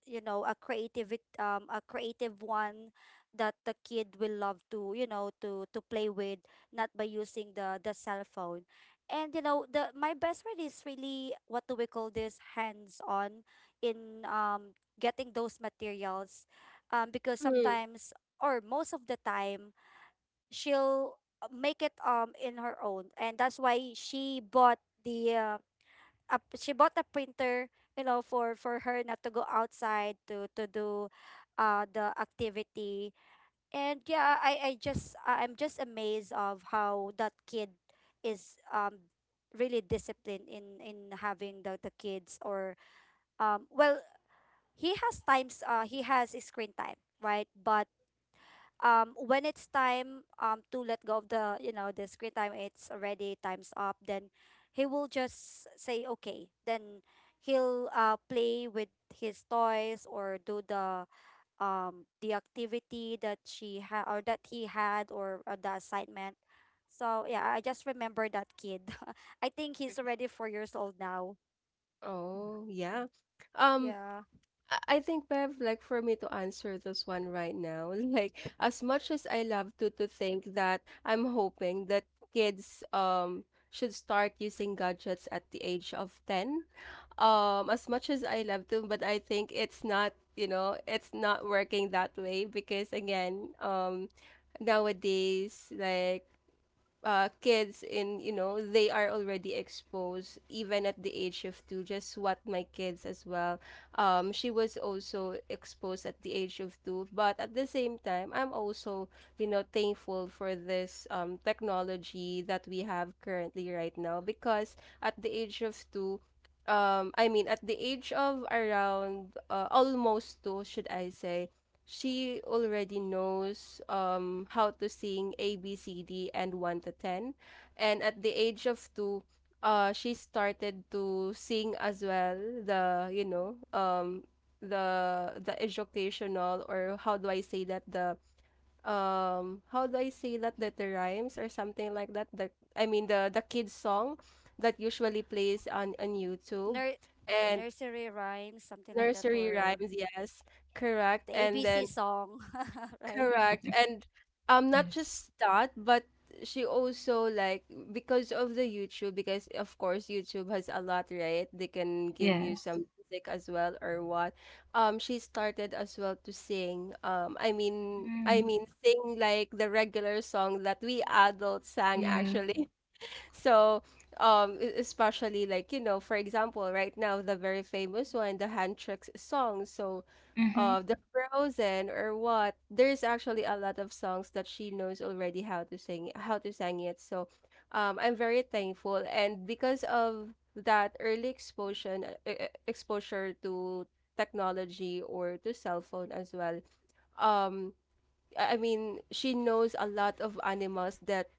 B: a creative, one that the kid will love to, you know, to play with, not by using the cell phone. And you know, the my best friend is really, what do we call this, hands on in, getting those materials, because
A: Mm-hmm.
B: sometimes or most of the time, she'll, make it in her own, and that's why she bought a printer, you know, for her not to go outside to do, the activity. And yeah, I'm just amazed of how that kid is, really disciplined in having the kids, or, well, he has times, he has a screen time, right? But when it's time, to let go of the you know the screen time — it's already time's up — then he will just say, okay, then he'll play with his toys or do the activity that she had, or that he had, or, the assignment. So yeah, I just remember that kid. (laughs) I think he's already 4 years old now.
A: Oh, yeah. Um,
B: Yeah.
A: I think, Bev, like for me to answer this one right now, (laughs) like as much as I love to think that I'm hoping that kids should start using gadgets at the age of 10. As much as I love to, but I think it's not, you know, it's not working that way because again, nowadays, like kids in, you know, they are already exposed even at the age of 2. Just what my kids as well. She was also exposed at the age of 2, but at the same time I'm also, you know, thankful for this technology that we have currently right now, because at the age of 2, I mean, at the age of around almost 2, should I say, she already knows how to sing A B C D and 1 to 10. And at the age of 2, she started to sing as well the, you know, the educational, or how do I say that, the how do I say that, that the rhymes or something like that, the I mean the kids song that usually plays on YouTube.
B: Nur- the
A: And
B: nursery rhymes, something like that,
A: nursery
B: or
A: rhymes, yes. Correct.
B: the
A: And
B: ABC
A: then
B: song. (laughs) Right.
A: correct. And not just that, but she also like, because of the YouTube, because of course YouTube has a lot, right? They can give you some music as well or what. She started as well to sing. I mean sing like the regular song that we adults sang
C: Yeah.
A: actually. So, especially like, you know, for example, right now, the very famous one, the hand tricks song. So,
C: Mm-hmm.
A: the Frozen or what, there's actually a lot of songs that she knows already how to sing it. So, I'm very thankful. And because of that early exposure, exposure to technology or to cell phone as well, um, I mean, she knows a lot of animals that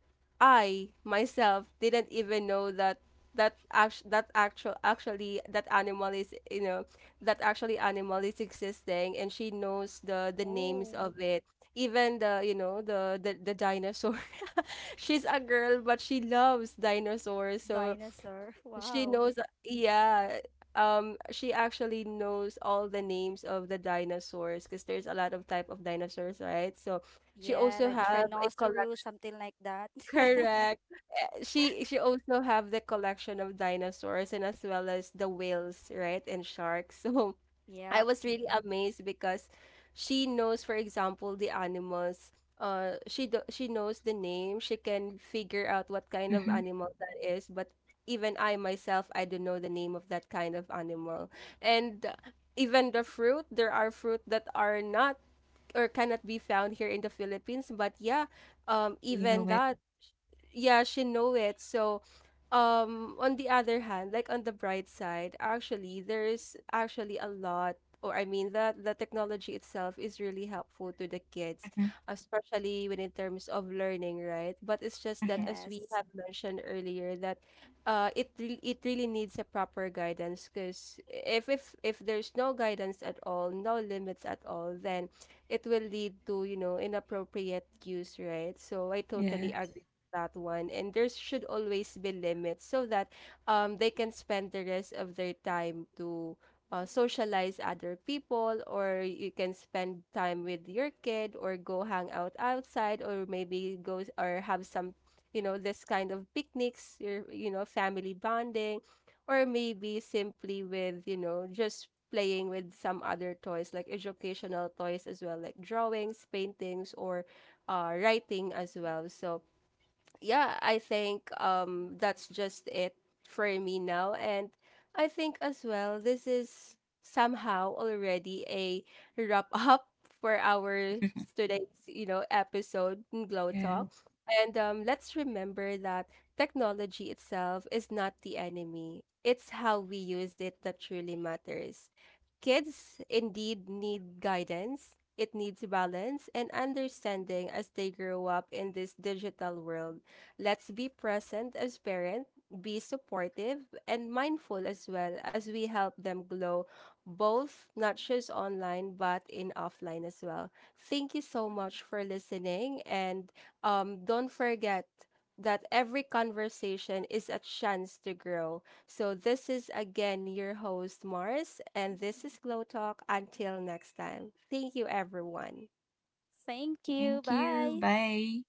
A: I myself didn't even know that actually that animal is, you know, that actually animal is existing, and she knows the names
B: Oh,
A: of it. Even the, you know, the dinosaur. (laughs) She's a girl, but she loves dinosaurs, so
B: dinosaur.
A: she
B: (laughs) Wow.
A: knows, yeah. She actually knows all the names of the dinosaurs, because there's a lot of type of dinosaurs, right? So she
B: Yeah,
A: also
B: like
A: have a
B: Trinosaurus,
A: collection.
B: something like that. (laughs)
A: Correct. She also have the collection of dinosaurs, and as well as the whales, right? And sharks. (laughs) So I
B: Yep.
A: was really amazed, because she knows, for example, the animals. She knows the name. She can figure out what kind of
C: Mm-hmm.
A: animal that is. But even I myself, I don't know the name of that kind of animal. And even the fruit, there are fruit that are not or cannot be found here in the Philippines. But yeah, even that, yeah, she know it. So, on the other hand, like on the bright side, actually, there's actually a lot, or I mean, that the technology itself is really helpful to the kids, especially when in terms of learning, right? But it's just
C: Mm-hmm.
A: that, as we
B: Yes.
A: have mentioned earlier, that it really needs a proper guidance, because if there's no guidance at all, no limits at all, then it will lead to, you know, inappropriate use, right? So I totally
C: Yes.
A: agree that one, and there should always be limits, so that they can spend the rest of their time to socialize other people, or you can spend time with your kid, or go hang out outside, or maybe or have some, you know, this kind of picnics, your, you know, family bonding, or maybe simply with, you know, just playing with some other toys, like educational toys as well, like drawings, paintings, or writing as well. So yeah, I think that's just it for me now. And I think as well, this is somehow already a wrap (laughs) up for our
C: (laughs)
A: today's, you know, episode in Glow
C: Yes.
A: Talk. And let's remember that technology itself is not the enemy. It's how we use it that truly matters. Kids indeed need guidance, it needs balance and understanding as they grow up in this digital world. Let's be present as parents, be supportive, and mindful, as well, as we help them glow, both not just online but in offline as well. Thank you so much for listening, and don't forget that every conversation is a chance to grow. So, this is again your host, Mars, and this is Glow Talk. Until next time, thank you, everyone.
B: Thank you.
C: Thank you.
B: Bye.
C: Bye.